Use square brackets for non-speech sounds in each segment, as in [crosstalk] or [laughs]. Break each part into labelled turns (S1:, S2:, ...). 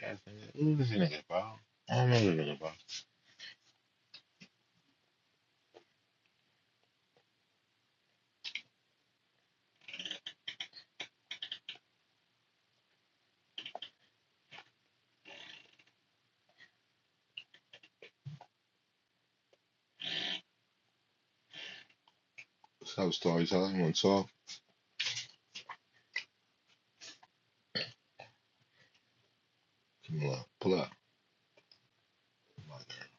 S1: Bad nigga. Who is this nigga, bro? I don't know this nigga, bro. What's up, storyteller? You wanna talk? Come on, pull up. Come on, girl.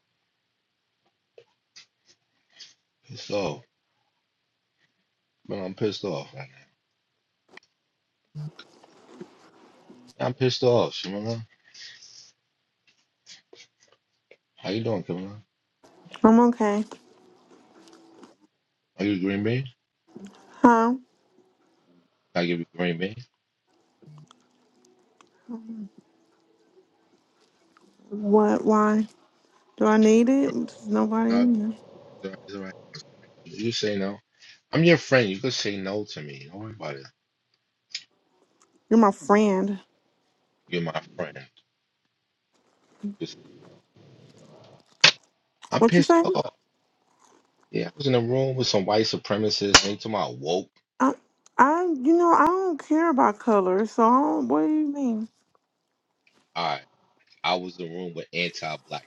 S1: Pissed off. Man, I'm pissed off right now. I'm pissed off, Shimona. How you doing, Kimona?
S2: I'm okay.
S1: Are you a green bean?
S2: Huh?
S1: Can I give you a green bean?
S2: What? Why? Do I need
S1: Or
S2: it? There's nobody
S1: no, it's
S2: in here.
S1: all right. it's all right. You say no. I'm your friend. You could say no to me. Don't worry about it.
S2: You're my friend.
S1: You're my friend. Just- I'm
S2: What you
S1: pissed
S2: say?
S1: off. Yeah, I was in a room with some white supremacists. They talking about woke.
S2: I, I, you know, I don't care about color. So, I don't, what do you mean?
S1: All right, I was in a room with anti-black.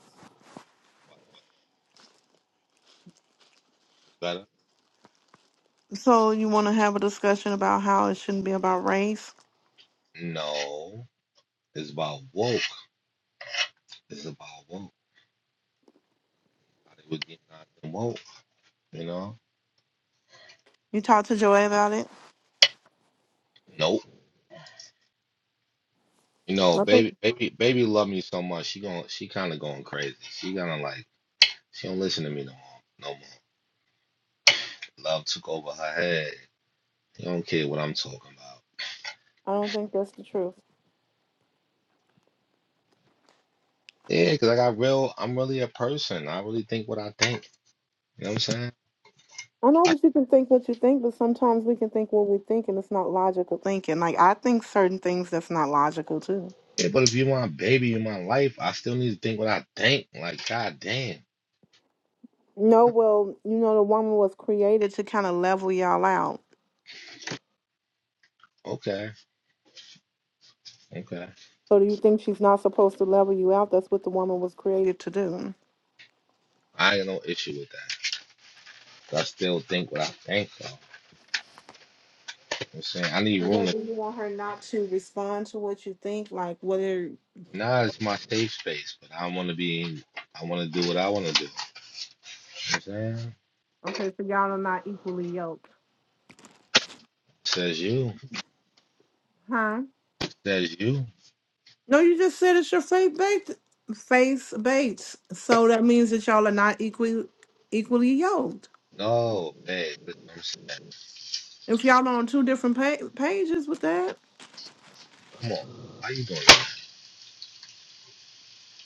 S1: Better?
S2: So, you want to have a discussion about how it shouldn't be about race?
S1: No. It's about woke. It's about woke. they were getting out them woke. You know.
S2: You talked to Joy about it?
S1: Nope. You know,
S2: I think
S1: baby, baby, baby, love me so much. She gon' she kind of going crazy. She gonna like, she don't listen to me no more. No more. Love took over her head. She don't care what I'm talking about.
S2: I don't think that's the truth.
S1: Yeah, 'cause I got real. I'm really a person. I really think what I think. You know what I'm saying?
S2: I know,
S1: I,
S2: but you can think what you think, but sometimes we can think what we think, and it's not logical thinking. Like I think certain things that's not logical too.
S1: yeah, but if you my baby in my life, I still need to think what I think. Like, god damn.
S2: No, well, you know, the woman was created to kind of level y'all out.
S1: Okay, okay.
S2: So do you think she's not supposed to level you out? That's what the woman was created to do.
S1: I ain't no issue with that. I still think what I think though. You know what I'm saying I need room
S2: What
S1: to
S2: do you want her not to respond to what you think? Like whether
S1: nah it's my safe space, but I wanna be I wanna do what I wanna do. You know what I'm saying?
S2: okay, so y'all are not equally yoked,
S1: Says you.
S2: huh?
S1: Says you.
S2: No, you just said it's your faith based faith based. So that means that y'all are not equally equally yoked.
S1: No, babe, I'm saying,
S2: If y'all are on two different pa- pages with that,
S1: come on. How you doing that?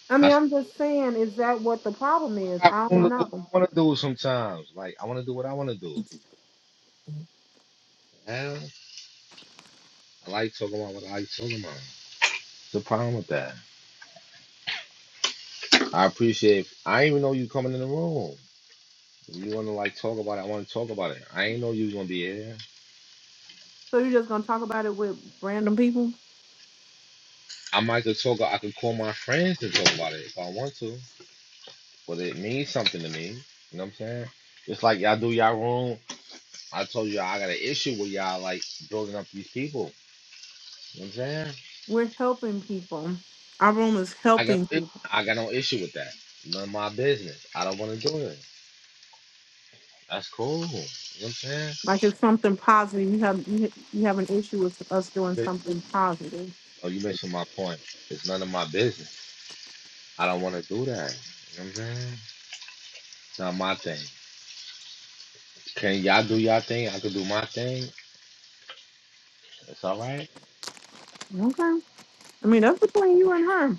S2: I
S1: I
S2: mean, I'm
S1: still
S2: just saying, is that what the problem is?
S1: got
S2: I
S1: room
S2: don't
S1: to do what
S2: know.
S1: I wanna do sometimes. Like I wanna do what I wanna do. Hell, I like talking about what I like talking about. What's the problem with that? I appreciate I didn't even know you coming in the room. You wanna like talk about it, I wanna talk about it. I ain't know you was gonna be here.
S2: So you're just gonna talk about it with random people?
S1: I might could talk. I could call my friends and talk about it if I want to. But it means something to me. You know what I'm saying? Just like y'all do y'all room. I told y'all I got an issue with y'all like building up these people. You know what I'm saying?
S2: We're helping people. Our room is
S1: I got
S2: helping people.
S1: I got no issue with that. None of my business. I don't want to do it. That's cool. You know what I'm saying?
S2: Like it's something positive. You have you you have an issue with us doing
S1: But,
S2: something positive.
S1: oh, you mentioned my point. It's none of my business. I don't want to do that. You know what I'm saying? It's not my thing. Can y'all do y'all thing? I could do my thing. It's all right.
S2: Okay. I mean that's between you and her.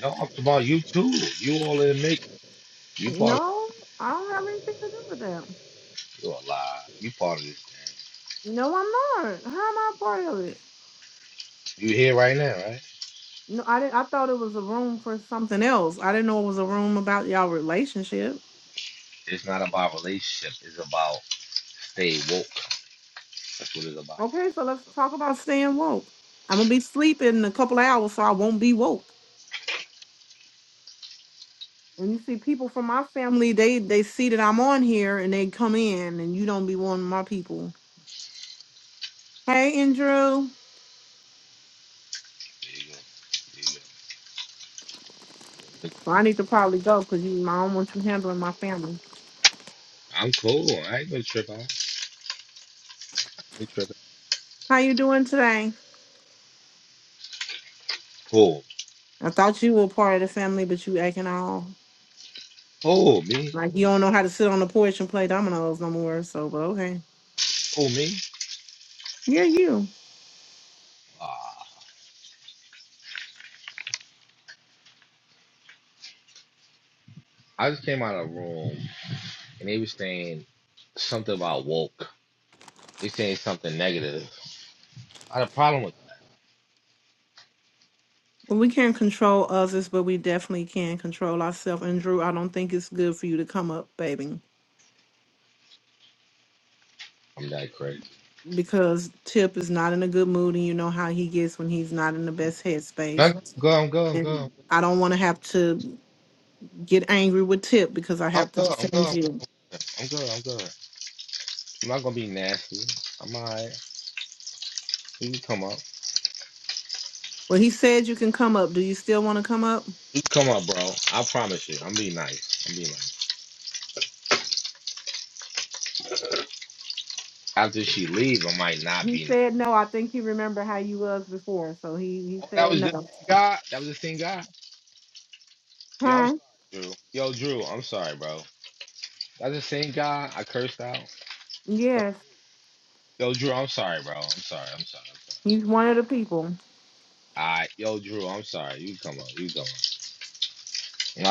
S1: No, I'm talking about you too. You all in the make. You part of
S2: No, I don't have anything to do with that.
S1: you're alive. You part of this thing.
S2: No, I'm not. How am I a part of it?
S1: You here right now, right?
S2: No, I didn't. I thought it was a room for something else. I didn't know it was a room about y'all relationship.
S1: It's not about relationship. It's about stay woke. That's what it's about.
S2: Okay, so let's talk about staying woke. I'm gonna be sleeping in a couple of hours, so I won't be woke. And you see people from my family, they they see that I'm on here and they come in and you don't be one of my people. Hey Andrew.
S1: There you go. There you go.
S2: Well, I need to probably go because you I don't want you handling my family.
S1: I'm cool. I ain't gonna trip out. I ain't tripping.
S2: How you doing today?
S1: Cool.
S2: I thought you were part of the family, but you acting all
S1: Oh me.
S2: like you don't know how to sit on the porch and play dominoes no more. So but okay.
S1: Oh me.
S2: Yeah, you.
S1: Ah, I just came out of a room and they were saying something about woke. They saying something negative. I had a problem with.
S2: Well, we can't control others, but we definitely can control ourselves. And Drew, I don't think it's good for you to come up, baby.
S1: I'm that crazy.
S2: because Tip is not in a good mood, and you know how he gets when he's not in the best
S1: No,
S2: headspace.
S1: no, I'm good. I'm good.
S2: And I don't want to have to get angry with Tip because I
S1: I'm
S2: have to
S1: good. I'm good. I'm good.
S2: defend
S1: I'm good.
S2: you.
S1: I'm good. I'm good. I'm not gonna be nasty. I'm alright. You can come up.
S2: Well, he said you can come up. Do you still want to come up?
S1: You can come up, bro. I promise you. I'm being nice. I'm being nice. After she leave, I might not
S2: He
S1: be nice.
S2: said no. I think he remembered how you was before, so he he
S1: Oh, that
S2: said
S1: was the
S2: no.
S1: same guy. That was the same guy. Yo, I'm
S2: Huh?
S1: sorry, Drew. Yo, Drew, I'm sorry, bro. That's the same guy I cursed out. Yo,
S2: Yes,
S1: yo, Drew, I'm sorry, bro. I'm sorry. I'm sorry.
S2: he's one of the people.
S1: Alright, yo, Drew, I'm sorry. You can come up. You can come up.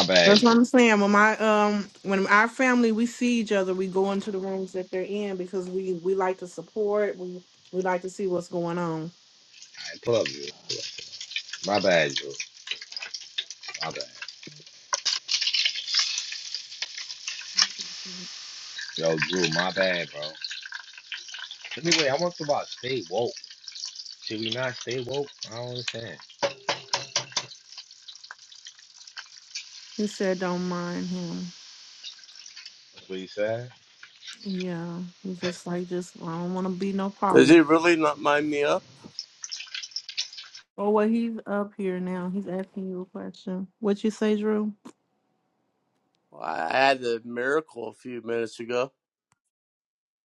S1: My bad,
S2: That's what
S1: Drew.
S2: I'm saying. When my um, when our family we see each other, we go into the rooms that they're in because we we like to support. We we like to see what's going on.
S1: Alright, pull up, Drew. My bad, Drew. My bad. Yo, Drew, my bad, bro. Anyway, I want to talk about stay woke. Should we not stay woke? I don't understand.
S2: He said, "Don't mind him."
S1: Please, sir.
S2: Yeah, he's just like, just I don't want to be no
S3: Does he
S2: problem.
S3: really not mind me up?
S2: Oh well, he's up here now. He's asking you a question. What you say, Drew?
S3: Well, I had a miracle a few minutes ago.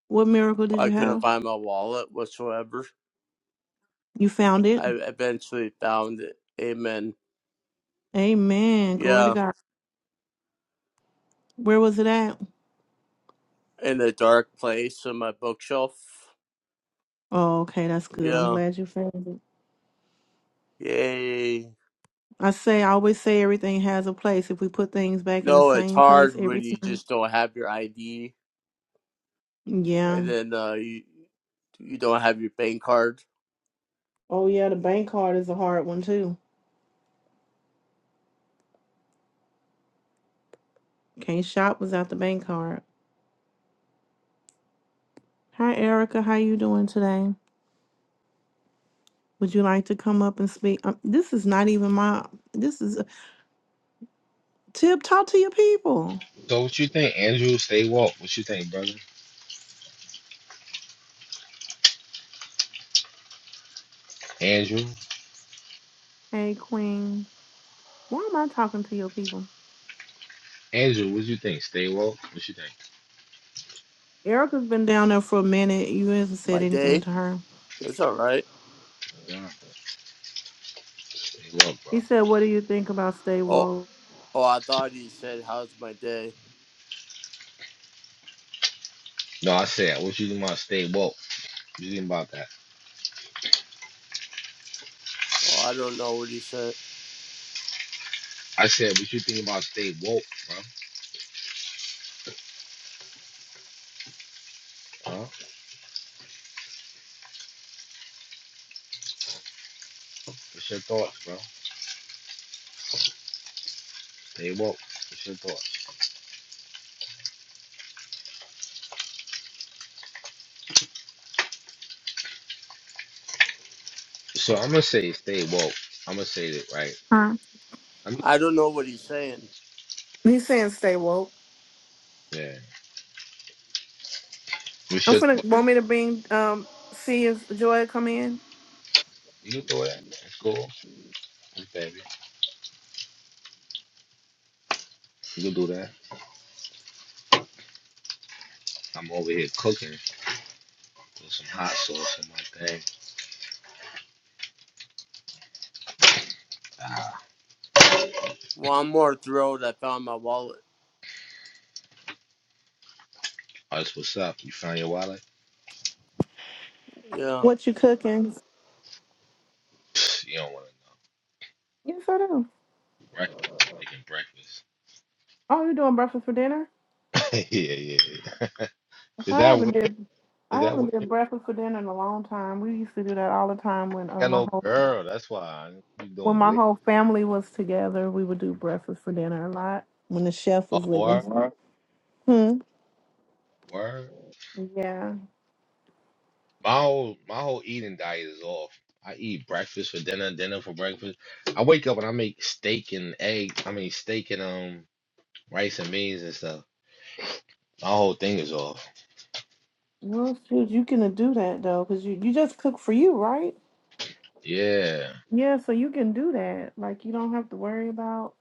S2: What miracle did
S3: Well, I
S2: you
S3: couldn't
S2: have?
S3: find my wallet whatsoever.
S2: You found it.
S3: I eventually found it. Amen.
S2: Amen. Glory to
S3: Yeah,
S2: God. Where was it at?
S3: in a dark place on my bookshelf.
S2: Oh, okay, that's good. I'm
S3: Yeah.
S2: glad you found it.
S3: Yay.
S2: I say, I always say, everything has a place. If we put things back in the
S3: No, it's
S2: same place
S3: hard when
S2: every
S3: you
S2: time.
S3: just don't have your ID
S2: Yeah.
S3: and then uh, you you don't have your bank card.
S2: Oh yeah, the bank card is a hard one too. Can't shop without the bank card. Hi Erica, how you doing today? Would you like to come up and speak? Um, this is not even my. This is Tip. Talk to your people.
S1: So, what you think, Andrew? Stay woke. What you think, brother? Andrew,
S2: Hey Queen, why am I talking to your people?
S1: Andrew, what you think? Stay woke. What you think?
S2: Erica's been down there for a minute. You haven't said
S3: My
S2: anything
S3: day,
S2: to her.
S3: it's all right.
S1: Yeah, stay woke, bro.
S2: He said, "What do you think about stay
S3: Oh,
S2: woke?"
S3: oh, I thought he said, "How's my day?"
S1: No, I said, what you think about stay woke? What you think about that?
S3: Oh, I don't know what he said.
S1: I said, what you think about stay woke, bro? Huh? What's your thoughts, bro? Stay woke. What's your thoughts? So I'm gonna say stay woke. I'm gonna say that right.
S2: Huh?
S1: I'm,
S3: I don't know what he's saying.
S2: He's saying stay woke.
S1: yeah. What's
S2: I'm
S1: your
S2: finna
S1: thoughts?
S2: want me to bring um see if Joy come in.
S1: You can do that. That's cool. That's baby. You can do that. I'm over here cooking with some hot sauce in my thing. Ah,
S3: One more throw that found my wallet.
S1: that's what's up. You found your wallet?
S3: Yeah.
S2: What you cooking?
S1: [laughs] You don't want to
S2: Yes, I do.
S1: breakfast. Making breakfast.
S2: Oh, you doing breakfast for dinner?
S1: [laughs] yeah, yeah, yeah.
S2: Okay,
S1: Is
S2: I
S1: that
S2: haven't
S1: weird?
S2: did
S1: Is
S2: I
S1: that
S2: haven't
S1: weird?
S2: did
S1: I
S2: breakfast for dinner in a long time. We used to do that all the time when
S1: ain't
S2: uh,
S1: got
S2: my
S1: no
S2: whole
S1: girl. That's why I- you
S2: when
S1: doing
S2: my
S1: weird.
S2: whole family was together. We would do breakfast for dinner a lot when the chef
S1: Oh,
S2: was living.
S1: word,
S2: Right. Hmm.
S1: word.
S2: Yeah.
S1: My whole my whole eating diet is off. I eat breakfast for dinner, dinner for breakfast. I wake up and I make steak and egg. I mean steak and um rice and beans and stuff. My whole thing is off.
S2: Well, shoot, you can do that though, cause you you just cook for you, right?
S1: Yeah.
S2: Yeah. So you can do that. Like you don't have to worry about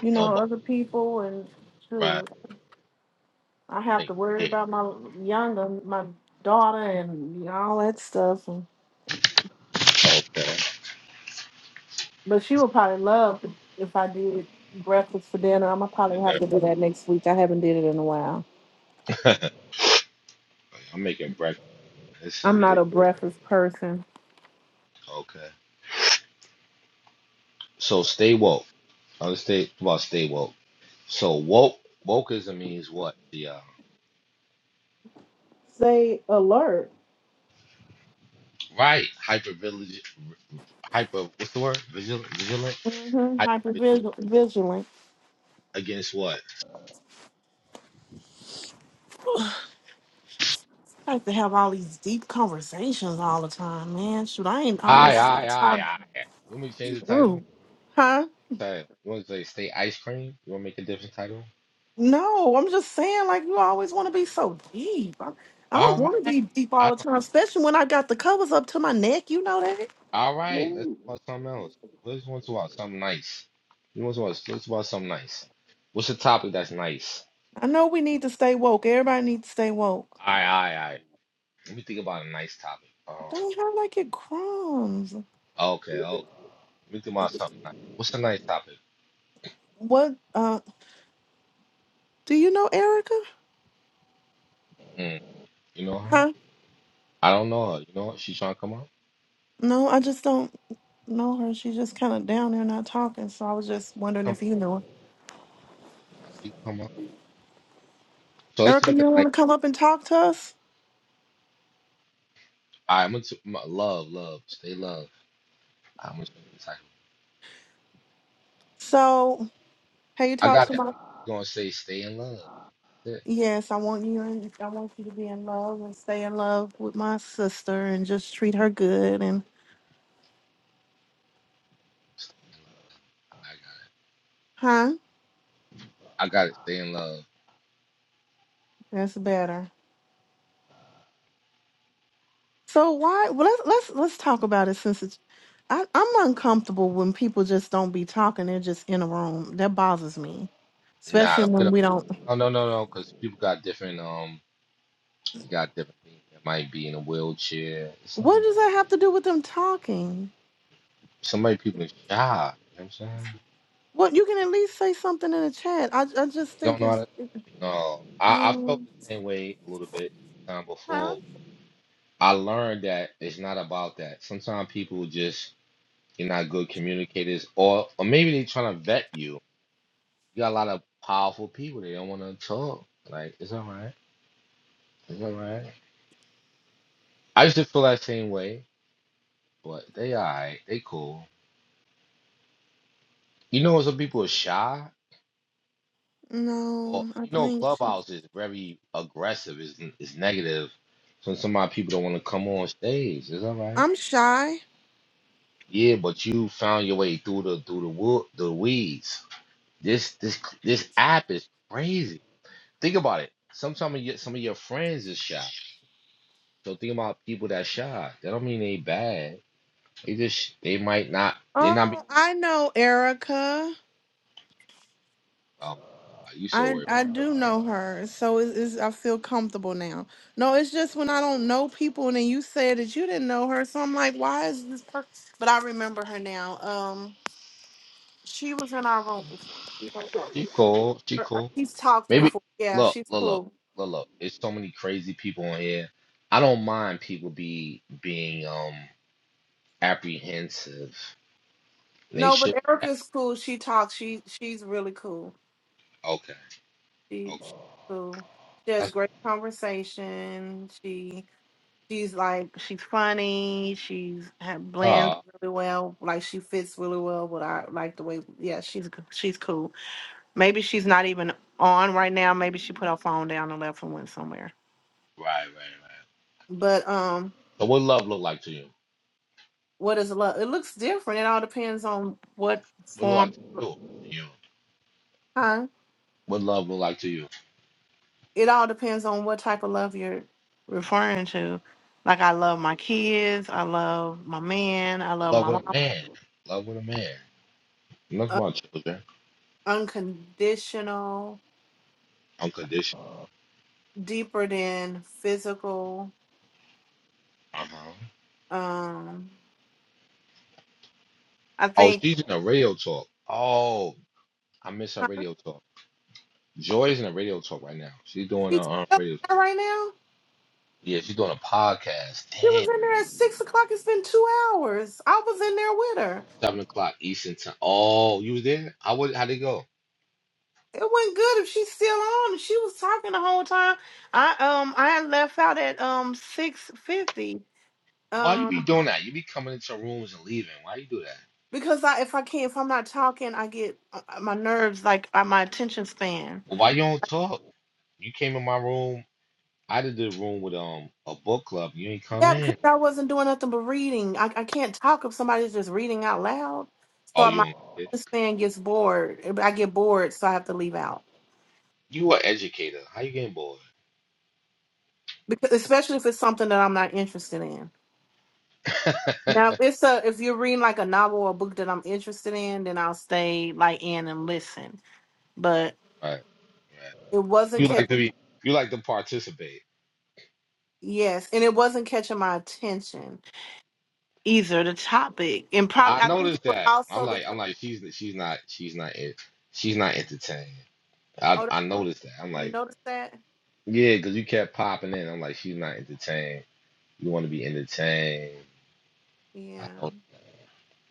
S2: you know
S1: Nobody
S2: other people and shoot.
S1: right.
S2: I have to
S1: Make
S2: worry
S1: it.
S2: about my younger my daughter and all that stuff.
S1: Okay.
S2: But she would probably love if I did breakfast for dinner. I'm gonna probably have to do that next week. I haven't did it in a while.
S1: [laughs] I'm making breakfast. It's so
S2: I'm not
S1: weird.
S2: a breakfast person.
S1: Okay. So stay woke. I'll just stay well, stay woke. So woke wokeism means what? The uh,
S2: Stay alert.
S1: right hyper vigilant, hyper what's the word? Vigilant, vigilant,
S2: Mm-hmm.
S1: hyper vigilant
S2: Hypervigilant.
S1: against what?
S2: I like to have all these deep conversations all the time, man. Shoot, I ain't all
S1: Aye,
S2: this
S1: aye, aye,
S2: time.
S1: aye. You want me to change the title?
S2: do, Huh?
S1: Title. You want to say stay ice cream? You want to make a different title?
S2: No, I'm just saying, like, you always want to be so deep. I, I don't
S1: All
S2: want to
S1: right,
S2: be deep all
S1: I
S2: the
S1: don't,
S2: time, especially when I got the covers up to my neck. You know that?
S1: all right. Let's talk about something else. Let's want to talk about something nice. You want to talk about, let's talk about something nice. What's the topic that's nice?
S2: I know we need to stay woke. Everybody needs to stay woke.
S1: Aye, aye, aye. Let me think about a nice topic. Um,
S2: They have like it crumbs.
S1: okay, me think about something. Nice. What's a nice topic?
S2: What uh do you know Erica?
S1: Mm, you know her?
S2: Huh?
S1: I don't know her. You know what? She trying to come up.
S2: No, I just don't know her. She's just kinda down there not talking. So I was just wondering
S1: Come up.
S2: if you knew her.
S1: she come up. So let's
S2: Erica, you
S1: pick a
S2: don't
S1: nice.
S2: wanna come up and talk to us?
S1: I'm gonna my, love, love, stay love. I'm gonna
S2: So hey you
S1: I
S2: talk to
S1: got it.
S2: my
S1: I'm gonna say stay in love. That's it.
S2: Yes, I want you and I want you to be in love and stay in love with my sister and just treat her good and
S1: I got
S2: huh?
S1: it. I got it. Stay in love.
S2: That's better. So why? Well, let's let's let's talk about it since it's. I, I'm uncomfortable when people just don't be talking. They're just in a room. That bothers me,
S1: Nah,
S2: especially
S1: don't get
S2: when
S1: up.
S2: we don't.
S1: No, no, no, no. Because people got different. Um, they got different things. That might be in a wheelchair.
S2: What
S1: Some
S2: does that have to do with them talking?
S1: somebody people is shy. You know what I'm saying?
S2: What you can at least say something in the chat. I I just
S1: They don't
S2: think
S1: know how
S2: it's
S1: to. No, I, I
S2: no,
S1: felt the same way a little bit the time
S2: huh?
S1: before, I learned that it's not about that. Sometimes people just you're not good communicators, or or maybe they're trying to vet you. You got a lot of powerful people. They don't want to talk. Like it's all right. It's all right. I used to feel that same way, but they all right. They cool. You know, some people are shy, or
S2: No, I
S1: you know,
S2: think
S1: Clubhouse is very aggressive. It's it's negative. So some of my people don't want to come on stage. It's all right.
S2: I'm shy.
S1: Yeah, but you found your way through the through the wood the weeds. This this this app is crazy. Think about it. Sometimes you, some of your friends is shy. So think about people that shy. That don't mean they bad. They just they might not they not be.
S2: Oh, I know Erica.
S1: Oh, you so
S2: I
S1: worried.
S2: I do know her, so it is I feel comfortable now. No, it's just when I don't know people, and then you said that you didn't know her, so I'm like, why is this? Per-? But I remember her now. Um, she was in our room before.
S1: She cool. She
S2: Or- or
S1: cool.
S2: She's talked
S1: Maybe
S2: before. Yeah,
S1: look
S2: she's
S1: look look
S2: cool.
S1: look look. There's so many crazy people on here. I don't mind people be being um apprehensive. They
S2: No, but
S1: should.
S2: Erica's cool. She talks. She she's really cool.
S1: Okay.
S2: She
S1: Okay.
S2: she's cool. She has
S1: That's,
S2: great conversation. She. She's like she's funny. She's ha-
S1: uh,
S2: blends
S1: right
S2: really well. Like she fits really well. But I like the way. Yeah, she's g- she's cool. Maybe she's not even on right now. Maybe she put her phone down and left and went somewhere.
S1: right right.
S2: But um,
S1: So what love look like to you?
S2: what is love? It looks different. It all depends on what
S1: What look
S2: form.
S1: like to you? You.
S2: Huh?
S1: What love look like to you?
S2: It all depends on what type of love you're referring to. Like I love my kids. I love my man. I love
S1: Love
S2: my
S1: with
S2: mom.
S1: a man. Love with a man. That's
S2: Uh,
S1: my children.
S2: unconditional
S1: Unconditional.
S2: deeper than physical.
S1: Uh huh.
S2: Um, I
S1: Oh,
S2: think
S1: she's in a radio talk. Oh, I miss her
S2: uh,
S1: radio talk. Joy's in a radio talk right now. She's doing
S2: she's
S1: a um,
S2: still
S1: radio.
S2: there right now.
S1: Yeah, she's doing a podcast.
S2: She was in
S1: Damn,
S2: there at six o'clock. It's been two hours. I was in there with her.
S1: seven o'clock Eastern time. Oh, you was there? I would. How'd it go?
S2: It wasn't good if she's still on. She was talking the whole time. I um I had left out at um six fifty.
S1: Why you
S2: Um,
S1: be doing that? You be coming into rooms and leaving. Why you do that?
S2: because I if I can't if I'm not talking, I get uh, uh, my nerves like uh, my attention span.
S1: Well, why you don't talk? You came in my room. I did the room with um a book club. You ain't come
S2: Yeah, because
S1: in.
S2: I wasn't doing nothing but reading. I, I can't talk if somebody's just reading out loud.
S1: Oh,
S2: So
S1: you
S2: my
S1: don't.
S2: attention span gets bored. I get bored, so I have to leave out.
S1: You are educator. How you getting bored?
S2: Because especially if it's something that I'm not interested in.
S1: [laughs] right,
S2: Now, if it's a if you're reading like a novel or a book that I'm interested in, then I'll stay like in and listen. But
S1: right.
S2: it wasn't
S1: You
S2: catching.
S1: like to be. You like to participate.
S2: Yes, and it wasn't catching my attention either. The topic, and probably
S1: I
S2: I think it
S1: noticed
S2: was
S1: that. I'm
S2: also
S1: like.
S2: because
S1: I'm like. She's. She's not. She's not. en- She's not entertained. I.
S2: oh,
S1: I noticed that. I'm
S2: you
S1: like.
S2: noticed that.
S1: Yeah, because you kept popping in. I'm like. She's not entertained. You want to be entertained. I
S2: Yeah,
S1: know.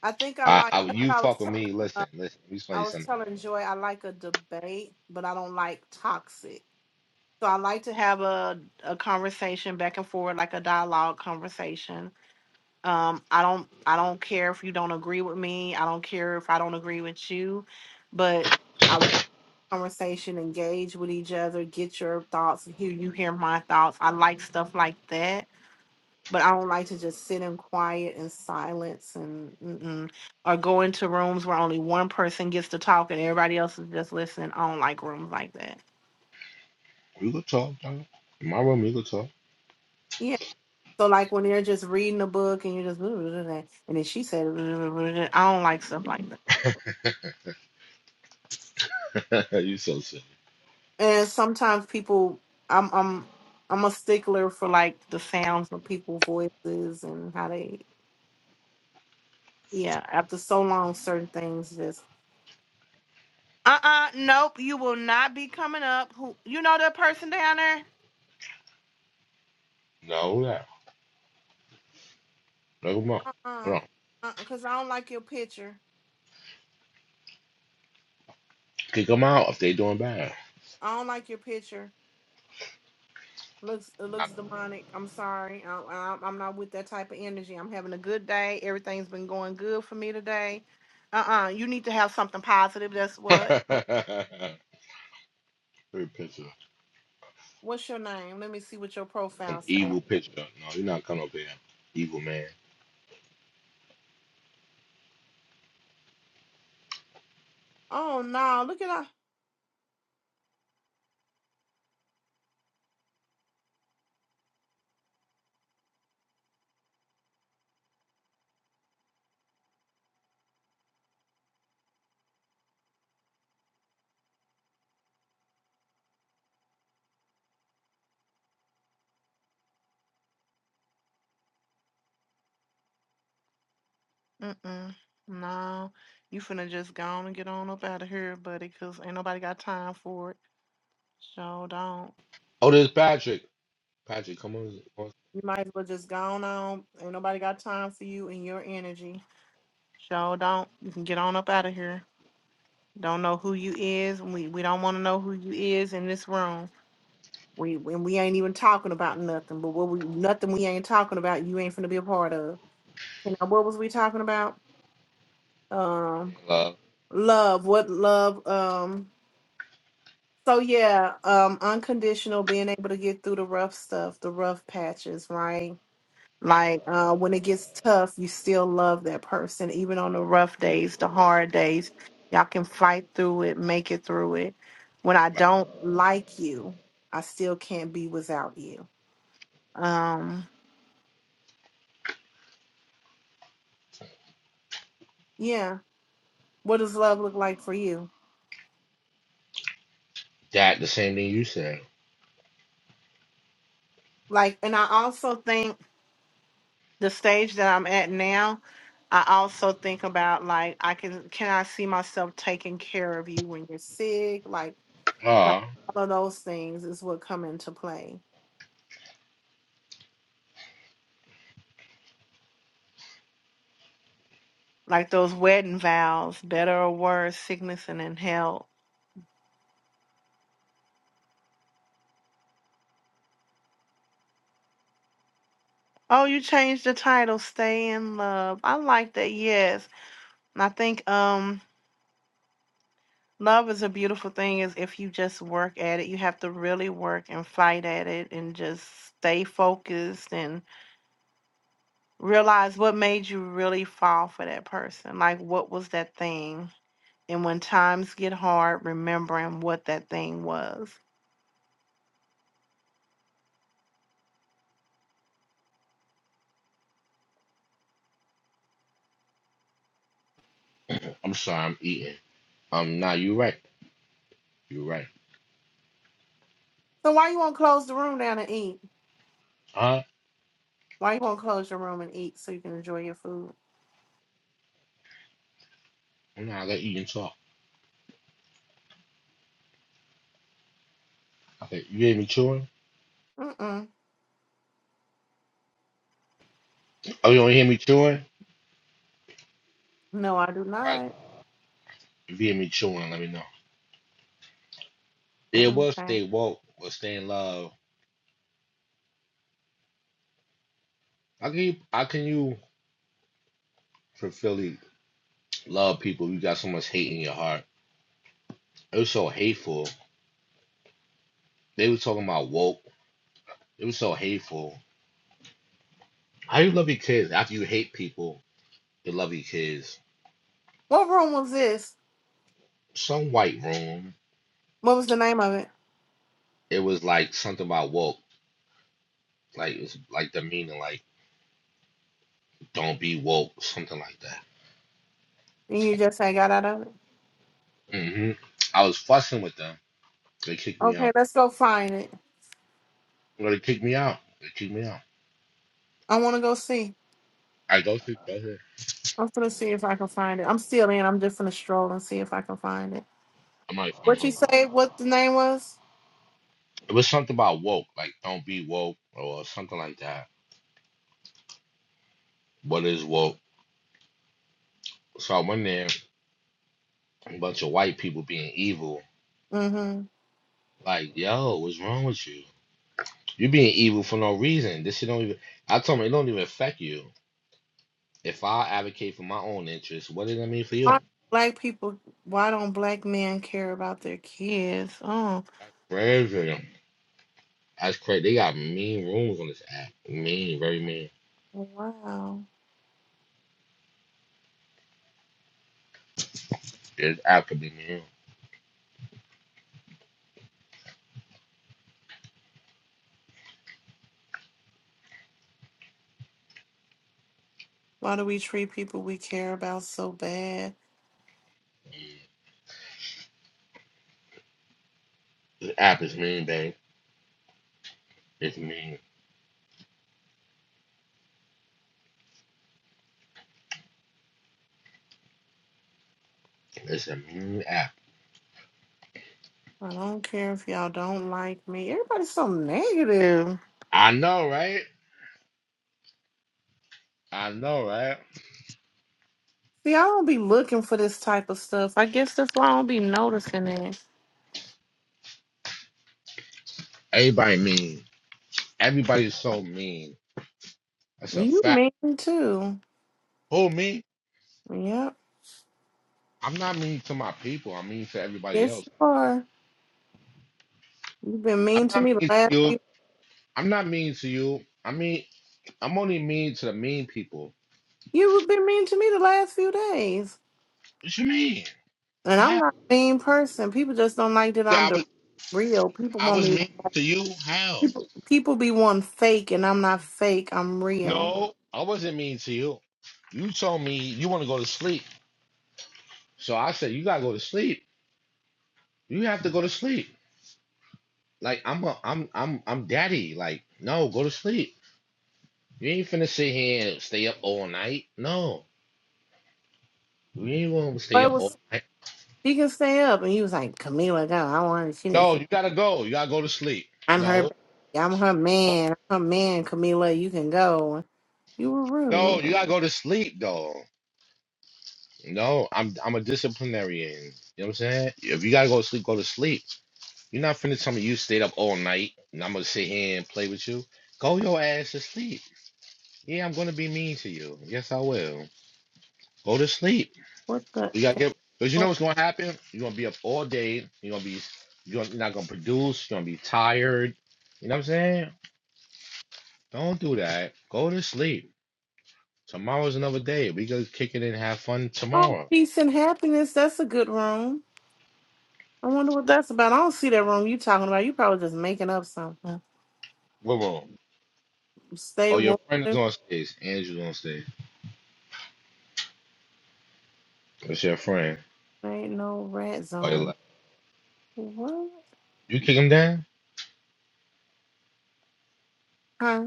S2: I think I
S1: I,
S2: like.
S1: I.
S2: That's
S1: You
S2: what I was
S1: fuck with me.
S2: telling.
S1: Listen. Listen. We
S2: I
S1: play
S2: was
S1: something.
S2: telling Joy I like a debate, but I don't like toxic. So I like to have a a conversation back and forth, like a dialogue conversation. Um, I don't I don't care if you don't agree with me. I don't care if I don't agree with you, but I want conversation, engage with each other, get your thoughts, hear you hear my thoughts. I like stuff like that but I don't like to just sit in quiet and silence and mm-mm, or go into rooms where only one person gets to talk and everybody else is just listening. I don't like rooms like that.
S1: We could talk. Dog. In my room. You could talk.
S2: Yeah. So like when they're just reading a book and you're just blah, blah, blah, blah, and then she said blah, blah, blah, blah. I don't like stuff like that.
S1: [laughs] [laughs] you so silly.
S2: And sometimes people I'm I'm I'm a stickler for like the sounds of people's voices and how they yeah, after so long certain things just uh uh nope, you will not be coming up. Who you know that person down there?
S1: No. No. No. Come on.
S2: Uh-uh.
S1: Come on.
S2: Uh-uh. Cause I don't like your picture.
S1: Kick them out if they doing bad.
S2: I don't like your picture. Looks it
S1: Nah,
S2: looks demonic. I'm sorry. I, I, I'm not with that type of energy. I'm having a good day. Everything's been going good for me today. Uh-uh. You need to have something positive. That's
S1: [laughs] Free
S2: what.
S1: picture.
S2: What's your name? Let me see what your
S1: Some
S2: profile say.
S1: evil picture. No, you're not coming up here. Evil man.
S2: Oh no, look at that. Mm-mm. No. You finna just go on and get on up out of here, buddy, cause ain't nobody got time for it. So don't.
S1: Oh, there's Patrick. Patrick, come on. on
S2: You might as well just go on. on. Ain't nobody got time for you and your energy. Show don't. You can get on up out of here. Don't know who you is. We we don't want to know who you is in this room. We and we ain't even talking about nothing. But what we nothing we ain't talking about. You ain't finna be a part of. You know what was we talking about? Um,
S1: stage, Love.
S2: love. What love? Um. So yeah. Um, unconditional. Being able to get through the rough stuff, the rough patches, right?
S1: Right,
S2: Like uh, when it gets tough, you still love that person, even on the rough days, the hard days. Y'all can fight through it, make it through it. When I
S1: right.
S2: don't like you, I still can't be without you. Um, yeah. What does love look like for you?
S1: That the same thing you said.
S2: Like, and I also think the stage that I'm at now, I also think about like I can can I see myself taking care of you when you're sick? Like like
S1: Ah,
S2: all of those things is what come into play like those wedding vows, better or worse, sickness and in health. Oh, you changed the title, Stay in Love. I like that, yes. And I think um love is a beautiful thing is if you just work at it. You have to really work and fight at it and just stay focused and realize what made you really fall for that person. Like what was that thing? And when times get hard, remembering what that thing was.
S1: I'm sorry, I'm eating. Um, nah, you right. You're right.
S2: So why you wanna close the room down and eat?
S1: Huh?
S2: Why you gonna close your room and eat so you can enjoy your food?
S1: Nah, I got eating talk. I said, you hear me chewing?
S2: Mm-mm.
S1: Oh, you don't hear me chewing?
S2: No, I do
S1: All right.
S2: not.
S1: If you hear me chewing, let me know. It was
S2: Okay.
S1: stay woke, was stay in love. How can you, how can you fulfilly love people? if You got so much hate in your heart. It was so hateful They were talking about woke. It was so hateful. How you love your kids after you hate people? You love your kids.
S2: What room was this?
S1: Some white room.
S2: What was the name of it?
S1: It was like something about woke. Like it was like the meaning like don't be woke, something like that.
S2: And you just had got out of it?
S1: hmm I was fussing with them. They kicked me out.
S2: Okay, let's go find it.
S1: Well, they kicked me out. They kicked me out.
S2: I wanna go see.
S1: I go to go ahead.
S2: I'm gonna see if I can find it. I'm still in. I'm just gonna stroll and see if I can find it.
S1: I might find
S2: What you
S1: something.
S2: say what the name was?
S1: It was something about woke, like don't be woke or something like that. What is woke? So I went there, a bunch of white people being evil.
S2: Mm-hmm.
S1: Like, yo, what's wrong with you? You're being evil for no reason. This shit don't even. I told him it don't even affect you. If I advocate for my own interests, what does that mean for you?
S2: Why don't black people why don't black men care about their kids? Oh
S1: Crazy. That's crazy. They got mean rules on this app. Mean, very mean.
S2: wow.
S1: This app could be mean.
S2: Why do we treat people we care about so bad?
S1: This app is mean, babe. It's mean. It's a mean app.
S2: I don't care if y'all don't like me. Everybody's so negative.
S1: I know, right? I know, right?
S2: See, I don't be looking for this type of stuff. I guess that's why I don't be noticing it.
S1: Everybody mean. Everybody's so mean. That's a
S2: You
S1: fact.
S2: mean too.
S1: Who me?
S2: Yep.
S1: I'm not mean to my people. I'm mean to everybody
S2: Yes,
S1: else.
S2: you are. You've been
S1: I'm
S2: mean to
S1: not
S2: me the
S1: mean
S2: last
S1: to you.
S2: few
S1: I'm not mean to you. I mean I'm only mean to the mean people.
S2: you've been mean to me the last few days.
S1: What you mean?
S2: And I'm
S1: How?
S2: not a mean person. People just don't like that
S1: Yeah,
S2: I'm the
S1: I was
S2: real. People
S1: I
S2: want
S1: was
S2: me
S1: mean to you. How?
S2: people people be one fake and I'm not fake. I'm real.
S1: No, I wasn't mean to you. You told me you want to go to sleep, so I said you gotta go to sleep. You have to go to sleep. Like I'm a, I'm I'm I'm daddy. Like no, go to sleep. You ain't finna sit here and stay up all night. No, you ain't gonna stay
S2: Boy
S1: up all
S2: was
S1: night.
S2: she can stay up, and he was like, Camila, go. I want. her. She needs
S1: No,
S2: to.
S1: you gotta go. You gotta go to sleep.
S2: I'm her.
S1: No,
S2: Baby. I'm her
S1: no,
S2: man. I'm her man, Camila. You can go. You were
S1: no,
S2: rude.
S1: you gotta go to sleep dog. No, I'm I'm a disciplinarian. You know what I'm saying? If you gotta go to sleep, go to sleep. You're not finna tell me you stayed up all night and I'm gonna sit here and play with you. Go your ass to sleep. Yeah, I'm gonna be mean to you. Yes, I will. Go to sleep.
S2: What the?
S1: You gotta get because you know what's gonna happen? You're gonna be up all day. You're gonna be you're not gonna produce. You're gonna be tired. You know what I'm saying? Don't do that. Go to sleep. Tomorrow's another day. We gonna kick it and have fun
S2: Oh,
S1: tomorrow.
S2: peace and happiness. That's a good room. I wonder what that's about. I don't see that room you talking about. You probably just making up something.
S1: Whoa, whoa.
S2: Stay
S1: Oh, your
S2: woke.
S1: friend is on stage. Andrew's on stage. That's your friend.
S2: There Ain't no rat
S1: Like,
S2: zone.
S1: like,
S2: What?
S1: you kick him down?
S2: Huh?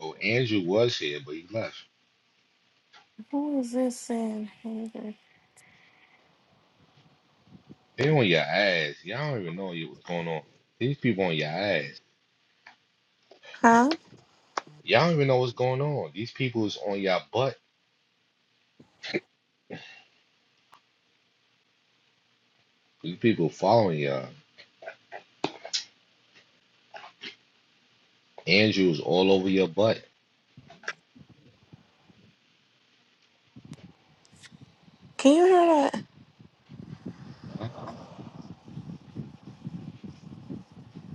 S1: Oh, Andrew was here, but he left.
S2: Who is this saying? Hater?
S1: They on your ass. Y'all don't even know you- what's going on. These people on your ass.
S2: Huh?
S1: Y'all don't even know what's going on. These people is on your butt. These people following y'all. Andrew's all over your butt.
S2: Can you hear that?
S1: Huh?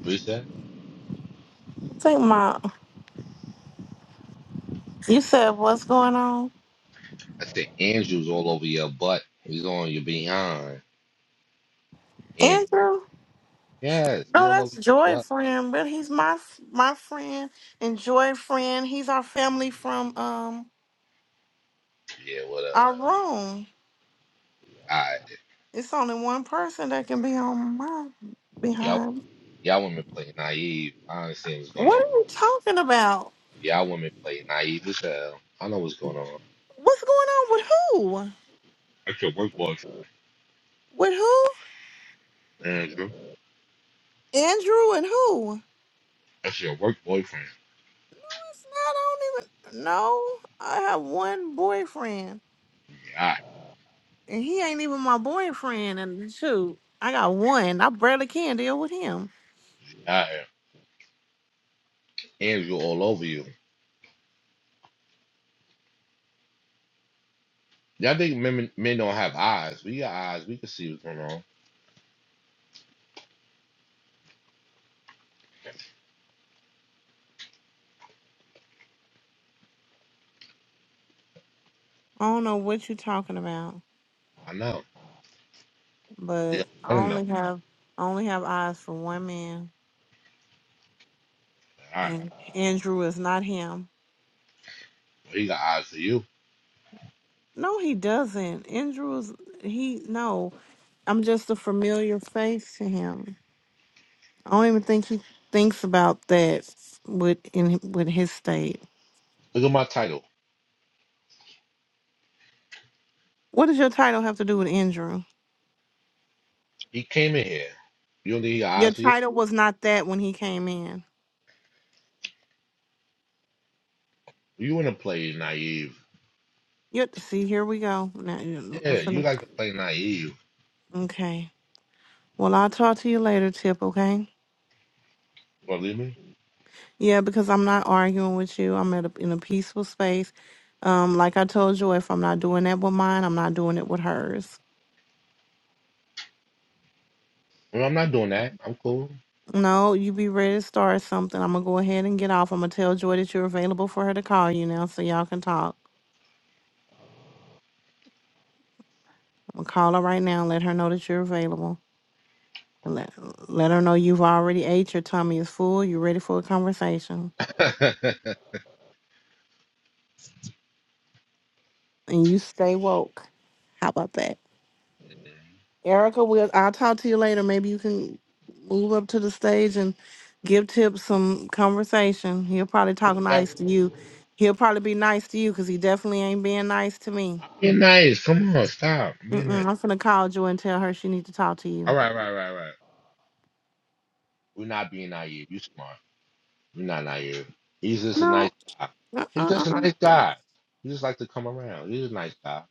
S1: Reset.
S2: It's like my. You said what's going on,
S1: I said Andrew's all over your butt. He's on your behind. Andrew.
S2: Andrew?
S1: Yes, he
S2: No,
S1: all over
S2: that's
S1: your
S2: Joy
S1: butt.
S2: friend, but he's my my friend and Joy friend. He's our family from um
S1: Yeah, whatever.
S2: our room.
S1: All right.
S2: It's only one person that can be on my
S1: Y'all,
S2: behind.
S1: y'all women play naive. I understand what's going
S2: What
S1: on.
S2: are you talking about?
S1: Y'all women play naive as hell. I know what's going on.
S2: What's going on with who?
S1: That's your work boyfriend,
S2: With who?
S1: Andrew.
S2: Andrew and who?
S1: That's your work boyfriend.
S2: I don't even know. I have one boyfriend,
S1: God,
S2: and he ain't even my boyfriend. And shoot, I got one. I barely can deal with him.
S1: God, Andrew all over you. Y'all think men, men don't have eyes. We got eyes. We can see what's going on.
S2: I don't know what you're talking about,
S1: I know. Yeah,
S2: but I
S1: I don't know.
S2: only have I only have eyes for one man,
S1: All right.
S2: and Andrew is not him.
S1: Well, he got eyes for you.
S2: No, he doesn't. Andrew is he. No, I'm just a familiar face to him. I don't even think he thinks about that with in with his state.
S1: Look at my title.
S2: What does your title have to do with Andrew?
S1: He came in here. You don't think he got
S2: Your
S1: eyes for you?
S2: title was not that when he came in.
S1: You want to play naive.
S2: You see, here we go. Now, you- I'm
S1: Yeah, you
S2: finna-
S1: like to play naive.
S2: Okay. Well, I'll talk to you later, Tip. Okay.
S1: Believe me?
S2: Yeah, because I'm not arguing with you. I'm at a, in a peaceful space. Um, like I told you, if I'm not doing that with mine, I'm not doing it with hers.
S1: Well, I'm not doing that. I'm cool. [laughs]
S2: No, you be ready to start something. I'm gonna go ahead and get off. I'm gonna tell Joy that you're available for her to call you now, so y'all can talk. I'm gonna call her right now and let her know that you're available. And Let let her know you've already ate. Your tummy is full. You're ready for a conversation.
S1: That-
S2: and you stay woke. How about that? Erica, we'll, I'll talk to you later. Maybe you can move up to the stage and give Tip some conversation. He'll probably talk nice to you. He'll probably be nice to you because he definitely ain't being nice to me.
S1: Be nice. Come on, stop. Be nice.
S2: Mm-mm, I'm finna call Joy and tell her she needs to talk to
S1: All
S2: you.
S1: right, right, right, right. We're not being naive. You smart. We're not naive. He's just a nice
S2: No.
S1: guy. He's
S2: Uh-uh,
S1: just a
S2: uh-uh.
S1: nice guy. He just like to come around. He's a nice guy.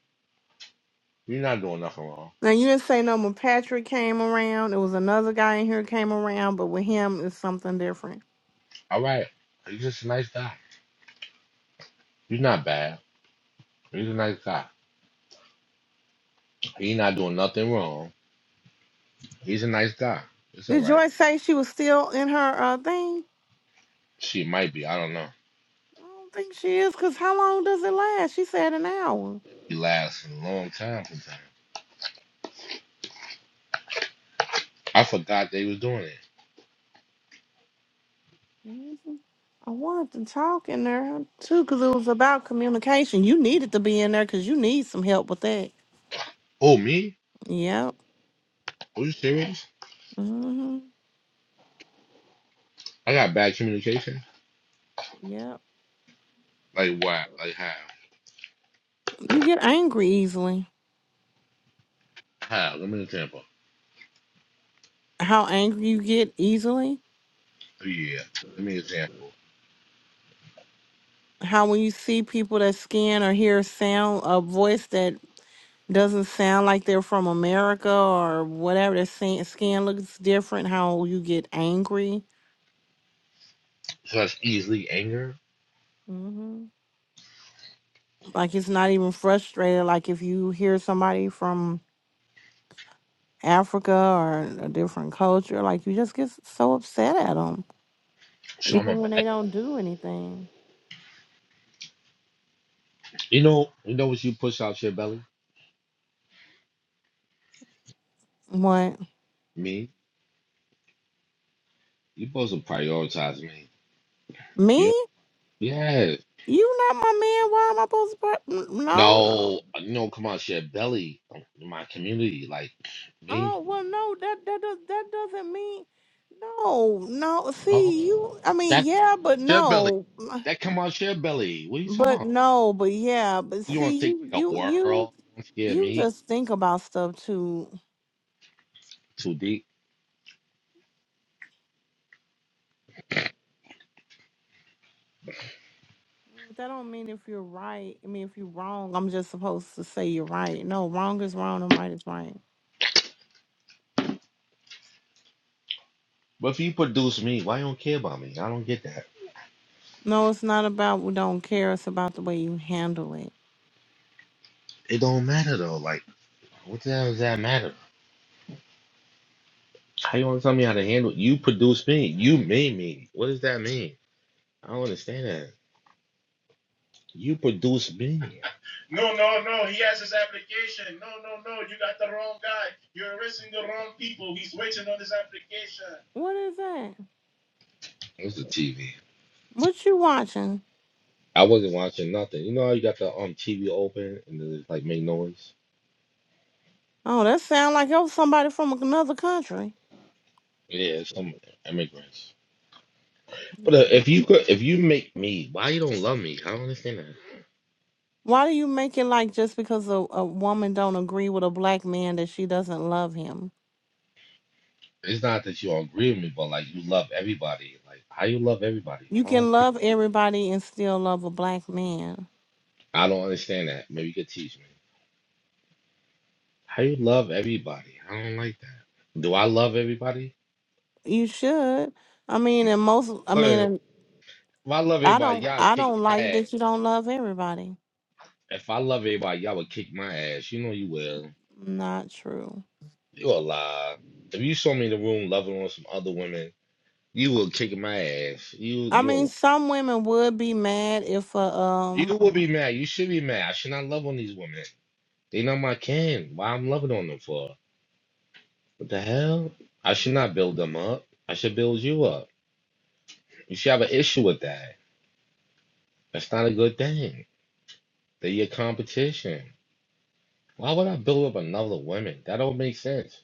S1: You're not doing nothing wrong.
S2: Now, you didn't say no when Patrick came around. It was another guy in here came around, but with him, it's something different.
S1: All right. He's just a nice guy. You're not bad. He's a nice guy. He's not doing nothing wrong. He's a nice guy. It's all
S2: Did
S1: right.
S2: Joy say she was still in her uh, thing?
S1: She might be. I don't know.
S2: I don't think she is, because how long does it last? She said an hour.
S1: He lasts a long time sometimes. I forgot they was doing it.
S2: Mhm. I wanted to talk in there huh, too, because it was about communication. You needed to be in there because you need some help with that.
S1: Oh, me?
S2: Yep.
S1: Are you serious?
S2: hmm
S1: I got bad communication?
S2: Yep.
S1: Like what? Like how?
S2: You get angry easily.
S1: How? Give me an example.
S2: How angry you get easily?
S1: But Yeah. Give me an example.
S2: How when you see people that scan or hear a sound, a voice that doesn't sound like they're from America or whatever, their skin skin looks different, how you get angry.
S1: So that's easily anger.
S2: Mm-hmm. Like it's not even frustrated. Like if you hear somebody from Africa or a different culture, like you just get so upset at them,
S1: So I'm a
S2: even when they
S1: bad.
S2: don't do anything.
S1: You know, you know what you push out your belly?
S2: What?
S1: Me. You supposed to prioritize me. You know?
S2: Me?
S1: Yes.
S2: You not my man? Why am I supposed to? pro- No.
S1: No, no, come on, share belly. My community, like me.
S2: Oh well, no. That that does that doesn't mean. No, no.
S1: Oh,
S2: See you. I mean,
S1: that
S2: yeah, but
S1: share belly.
S2: no,
S1: That come on, share belly. What are you talking
S2: but
S1: about?
S2: no, but yeah, but
S1: You want
S2: see
S1: to
S2: you
S1: take care of the
S2: you you
S1: world? Don't scare
S2: you
S1: me
S2: just think about stuff too
S1: too deep.
S2: But that don't mean if you're right. I mean, if you're wrong, I'm just supposed to say you're right. No, wrong is wrong and right is right.
S1: But if you produce me, why you don't care about me? I don't get that.
S2: No, it's not about we don't care. It's about the way you handle it.
S1: It don't matter though. Like, what the hell does that matter? How you want to tell me how to handle? You produce me. You made me. What does that mean? I don't understand that. You produce me. [laughs] No, no, no. He has his application. No, no, no. You got the wrong guy. You're arresting the wrong people. He's waiting on his application.
S2: What is that?
S1: What's the TV?
S2: What you watching?
S1: I wasn't watching nothing. You know how you got the um TV open and then it's like make noise.
S2: Oh, that sound like it was somebody from another country.
S1: Yeah, some immigrants. But uh, if you could, if you make me, why you don't love me? I don't understand that.
S2: Why do you make it like just because a, a woman don't agree with a black man that she doesn't love him?
S1: It's not that you don't agree with me, but like you love everybody. Like how you love everybody?
S2: You
S1: I
S2: can
S1: don't.
S2: love everybody and still love a black man.
S1: I don't understand that. Maybe you could teach me how you love everybody. I don't like that. Do I love everybody?
S2: You should. I mean, and most. I
S1: Go
S2: mean, and
S1: ahead. If I love
S2: I
S1: everybody,
S2: don't
S1: y'all
S2: I
S1: kick
S2: don't
S1: my
S2: like
S1: ass.
S2: that you don't love everybody.
S1: If I love everybody, y'all would kick my ass. You know you will.
S2: Not true.
S1: You a lie. If you saw me in the room loving on some other women, you will kick my ass. You
S2: I
S1: you a
S2: mean
S1: lie.
S2: some women would be mad if uh, um
S1: You will be mad. You should be mad. I should not love on these women. They not my kin. Why I'm loving on them for? What the hell? I should not build them up. I should build you up. You should have an issue with that. That's not a good thing. They're your competition. Why would I build up another woman? That don't make sense.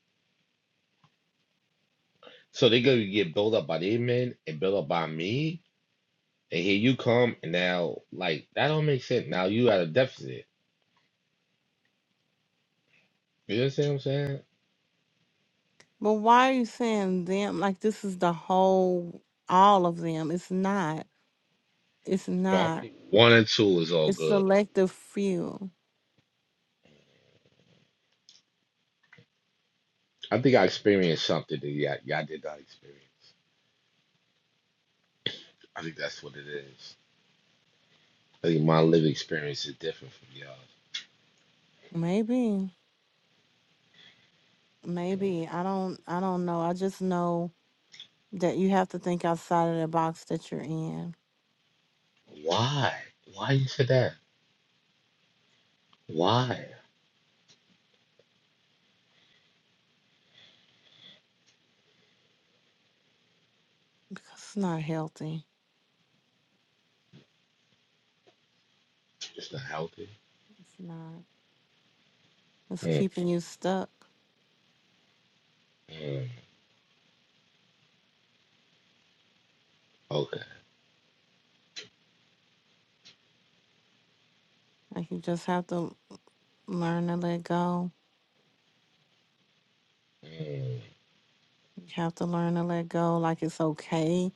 S1: So they gonna get built up by their men and built up by me, and here you come, and now like that don't make sense. Now you at a deficit. You understand what I'm saying?
S2: but why are you saying them like this is the whole all of them. It's not. It's
S1: No, I
S2: not.
S1: mean, one and two is all
S2: It's
S1: good.
S2: selective few.
S1: I think I experienced something that y'all, y'all did not experience. I think that's what it is. I think my lived experience is different from y'all.
S2: Maybe. Maybe. I don't I don't know. I just know that you have to think outside of the box that you're in.
S1: Why? Why you said that? Why?
S2: Because it's not healthy.
S1: It's not healthy.
S2: It's not. It's
S1: Mm,
S2: keeping you stuck.
S1: mm, okay.
S2: Like you just have to learn to let go.
S1: Mm,
S2: You have to learn to let go. Like it's okay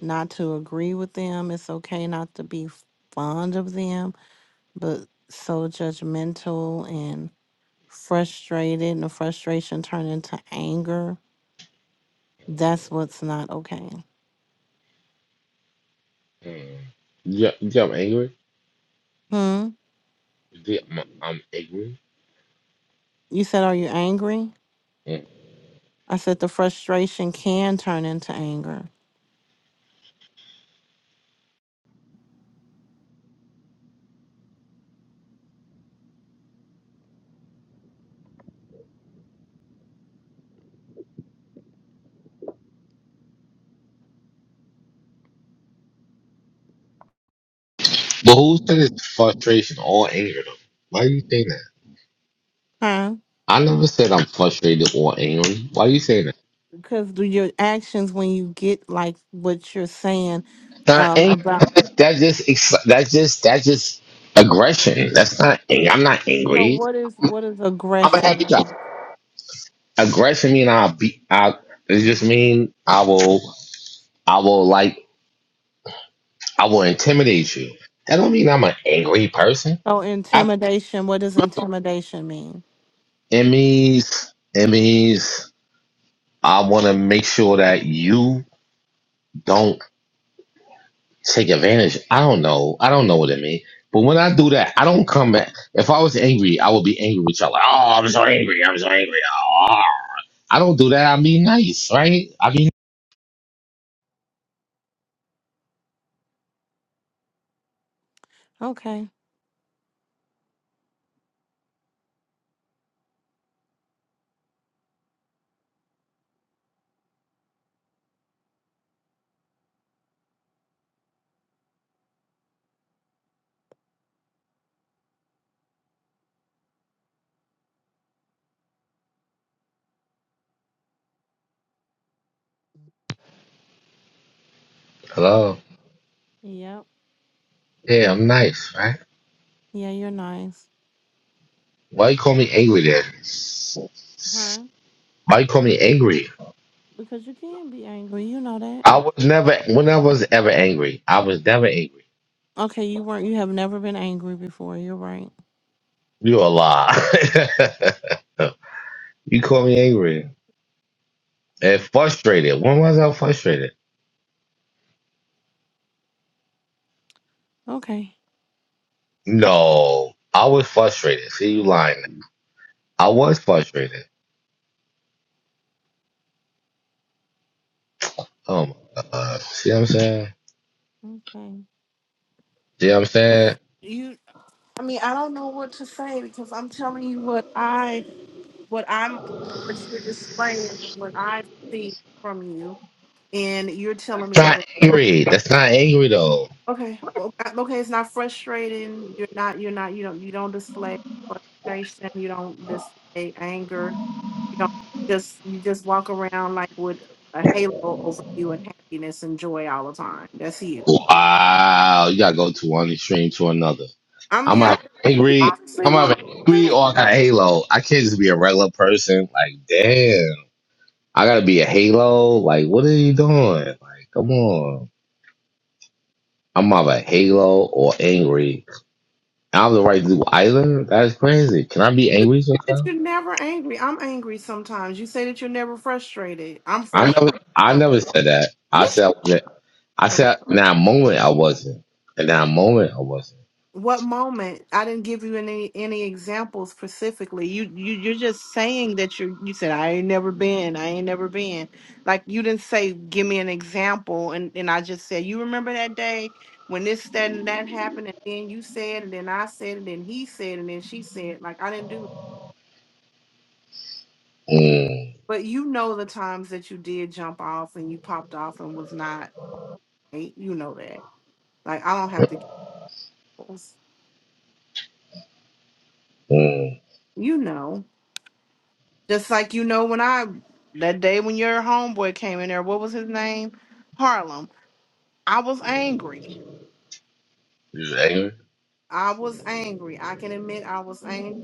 S2: not to agree with them. It's okay not to be fond of them. but so judgmental and frustrated and the frustration turned into anger that's what's not okay
S1: mm. Yeah, yeah, I'm angry.
S2: hmm
S1: Yeah, I'm, I'm angry.
S2: you said are you angry
S1: Mm.
S2: i said the frustration can turn into anger
S1: But who said it's frustration or anger though? Why are you saying that?
S2: huh
S1: I never said I'm frustrated or angry. Why are you saying that?
S2: because do your actions when you get like what you're saying
S1: not
S2: um
S1: angry.
S2: about
S1: That's, that's just ex- that's just that's just aggression. That's not anger. I'm not
S2: so
S1: angry.
S2: what is what is
S1: I'm a
S2: aggression
S1: happy guy.
S2: mean
S1: Aggression mean I'll be I. It just mean I will. I will like. I will intimidate you. That don't mean I'm an angry person.
S2: so
S1: I
S2: intimidation what does intimidation mean
S1: Emmys, means it means I want to make sure that you don't take advantage. I don't know. I don't know what it means. But when I do that, I don't come back. If I was angry, I would be angry with y'all. Like, oh, I'm so angry. I'm so angry. Oh. I don't do that. I be nice, right? I be
S2: okay
S1: hello.
S2: yep
S1: Yeah, I'm nice, right?
S2: yeah you're nice
S1: Why you call me angry then?
S2: Huh?
S1: Why you call me angry?
S2: Because you can be angry, you know that.
S1: I was never. When I was ever angry, I was never angry.
S2: Okay, you weren't you have never been angry before, you're right.
S1: You a lie. [laughs] you call me angry and frustrated. When was I frustrated?
S2: Okay.
S1: No, I was frustrated. See, you lying. I was frustrated. Oh my god. See what I'm saying?
S2: Okay.
S1: See what I'm saying?
S2: You I mean, I don't know what to say because I'm telling you what I what I'm what you're displaying, what I see from you, and you're telling me that.
S1: Not angry. That's not angry though.
S2: Okay. Well, uh, okay. It's not frustrating. You're not. You're not. You don't. You don't display frustration. You don't display anger. You don't just. You just walk around like with a halo over you and happiness and joy all the time. That's you.
S1: Wow, you gotta go to one extreme to another.
S2: I
S1: I'm
S2: mean, I
S1: not
S2: you
S1: angry.
S2: honestly
S1: I'm
S2: want
S1: not
S2: to
S1: angry or
S2: say
S1: I got a halo. I can't just be a regular person. Like, damn, I gotta be a halo. Like, what are you doing? Like, come on. I'm either Halo or angry. I have the right to do either. That's crazy. Can I be angry
S2: that
S1: sometimes?
S2: you're never angry. I'm angry sometimes. You say that you're never frustrated. I'm
S1: I
S2: frustrated
S1: never, I
S2: sometimes.
S1: never said that. I said,
S2: Yes.
S1: I said, in that moment I wasn't, and that moment I wasn't.
S2: What moment? I didn't give you any any examples specifically. You you you're just saying that you you said I ain't never been, I ain't never been. Like you didn't say give me an example, and and I just said you remember that day when this that and that happened, and then you said, and then I said, and then he said, and then she said. Like I didn't do.
S1: Mm,
S2: But you know the times that you did jump off and you popped off and was not. right? You know that. Like I don't have to. give those.
S1: mm.
S2: You know. Just like you know when I that day when your homeboy came in there, what was his name? Harlem. I was angry.
S1: You angry?
S2: I was angry. I can admit I was angry.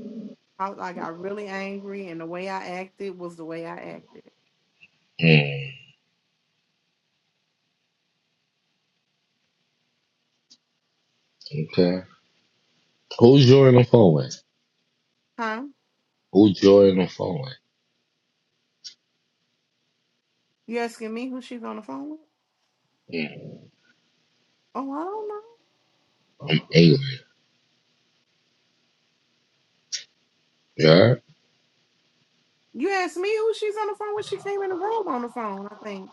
S2: I, I got really angry, and the way I acted was the way I acted.
S1: Mm, okay. Who's you on the phone with?
S2: Huh?
S1: Who's you on the phone with?
S2: You asking me who she's on the phone with?
S1: Mm,
S2: Oh, I don't know.
S1: angry. Yeah.
S2: You asked me who she's on the phone with. She came in the room on the phone. I think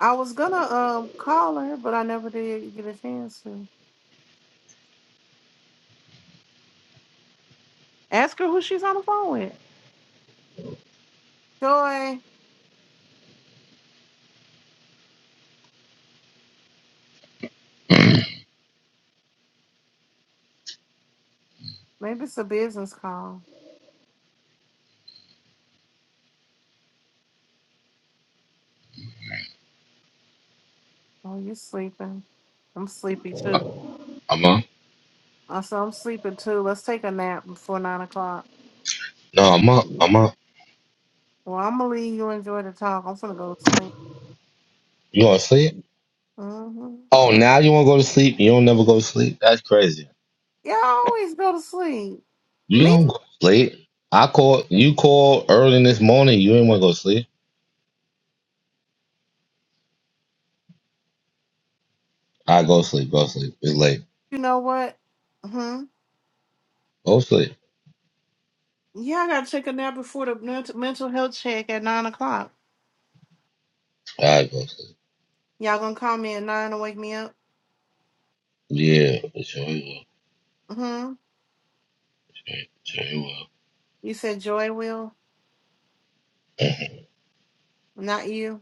S2: I was gonna um call her, but I never did get a chance to ask her who she's on the phone with. Joy, maybe it's a business call. Oh, you sleeping. I'm sleepy too.
S1: I'm up.
S2: Also, I'm sleeping too. Let's take a nap before nine o'clock.
S1: No, I'm up. I'm up.
S2: Well, I'm gonna leave you enjoy the talk. I'm gonna go to sleep.
S1: You want to sleep?
S2: Mm-hmm.
S1: Oh, now you want to go to sleep? You don't never go to sleep? That's crazy.
S2: Yeah, I always go to sleep.
S1: You
S2: Me,
S1: don't go to sleep. I call. you call early in this morning. You ain't want to go to sleep. I go to sleep. Go to sleep. It's late.
S2: you know what? Hmm.
S1: Go to sleep.
S2: Yeah, I gotta take a nap before the ment- mental health check at nine o'clock.
S1: I go to sleep.
S2: Y'all gonna call me at nine to wake me up?
S1: Yeah, but sure you will.
S2: Hmm.
S1: Sure, sure you will.
S2: You said Joy will, not you,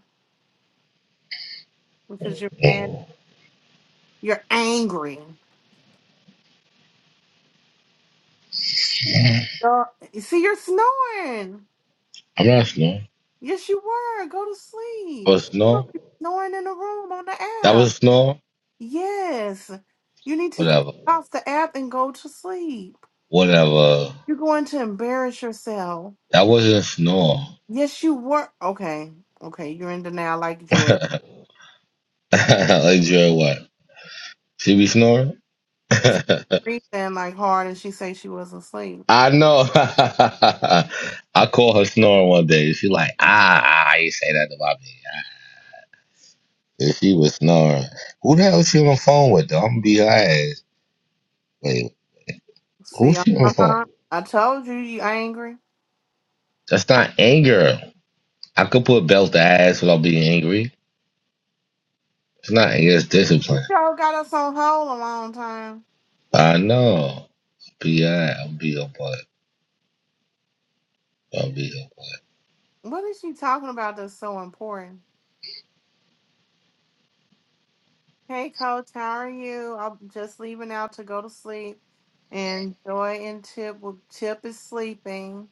S2: because you're mad.
S1: Mm.
S2: You're angry. Uh, you see, you're snoring.
S1: I'm not snoring.
S2: Yes, you were. Go to sleep.
S1: Was
S2: you will
S1: snore?
S2: be snoring in the room on the
S1: That
S2: app.
S1: was snore.
S2: Yes. You need to get
S1: Whatever.
S2: off the app and go to sleep.
S1: Whatever.
S2: You're going to embarrass yourself.
S1: That wasn't snore.
S2: Yes, you were. Okay. Okay. You're in denial like
S1: [laughs]
S2: Joy.
S1: like Jerry, what? She be snoring. [laughs]
S2: She
S1: I
S2: breathing like hard and she say she wasn't asleep.
S1: know. [laughs] I call her snoring one day. She like, ah, ah, you say that to my me. If she was snoring. Who the hell is she on the phone with though? I'm gonna be her ass. Wait,
S2: See,
S1: who's she on the phone?
S2: uh-huh.
S1: with?
S2: I told you you angry.
S1: That's not anger. I could put belt to ass without being angry. It's not anger, it's discipline.
S2: You all got us on hold a long time.
S1: I know. Be alright. I'll be your butt. I'll be your butt.
S2: What is she talking about that's so important? Hey, Coach, how are you? I'm just leaving out to go to sleep. And Joy and Tip, well, Tip is sleeping.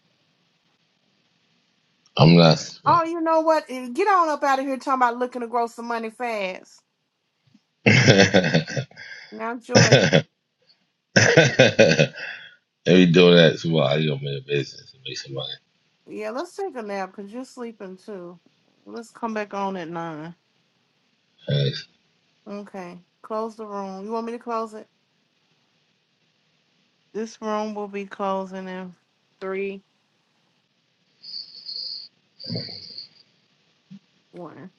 S1: I'm not
S2: Oh, you know what? Eh, Get on up out of here talking about looking to grow some money fast.
S1: [laughs]
S2: Now, Joy,
S1: Let me do that tomorrow. I go make a business and make some money.
S2: yeah, let's take a nap because you're sleeping too. Let's come back on at nine.
S1: All right,
S2: Okay, close the room. You want me to close it? This room will be closing in three, one.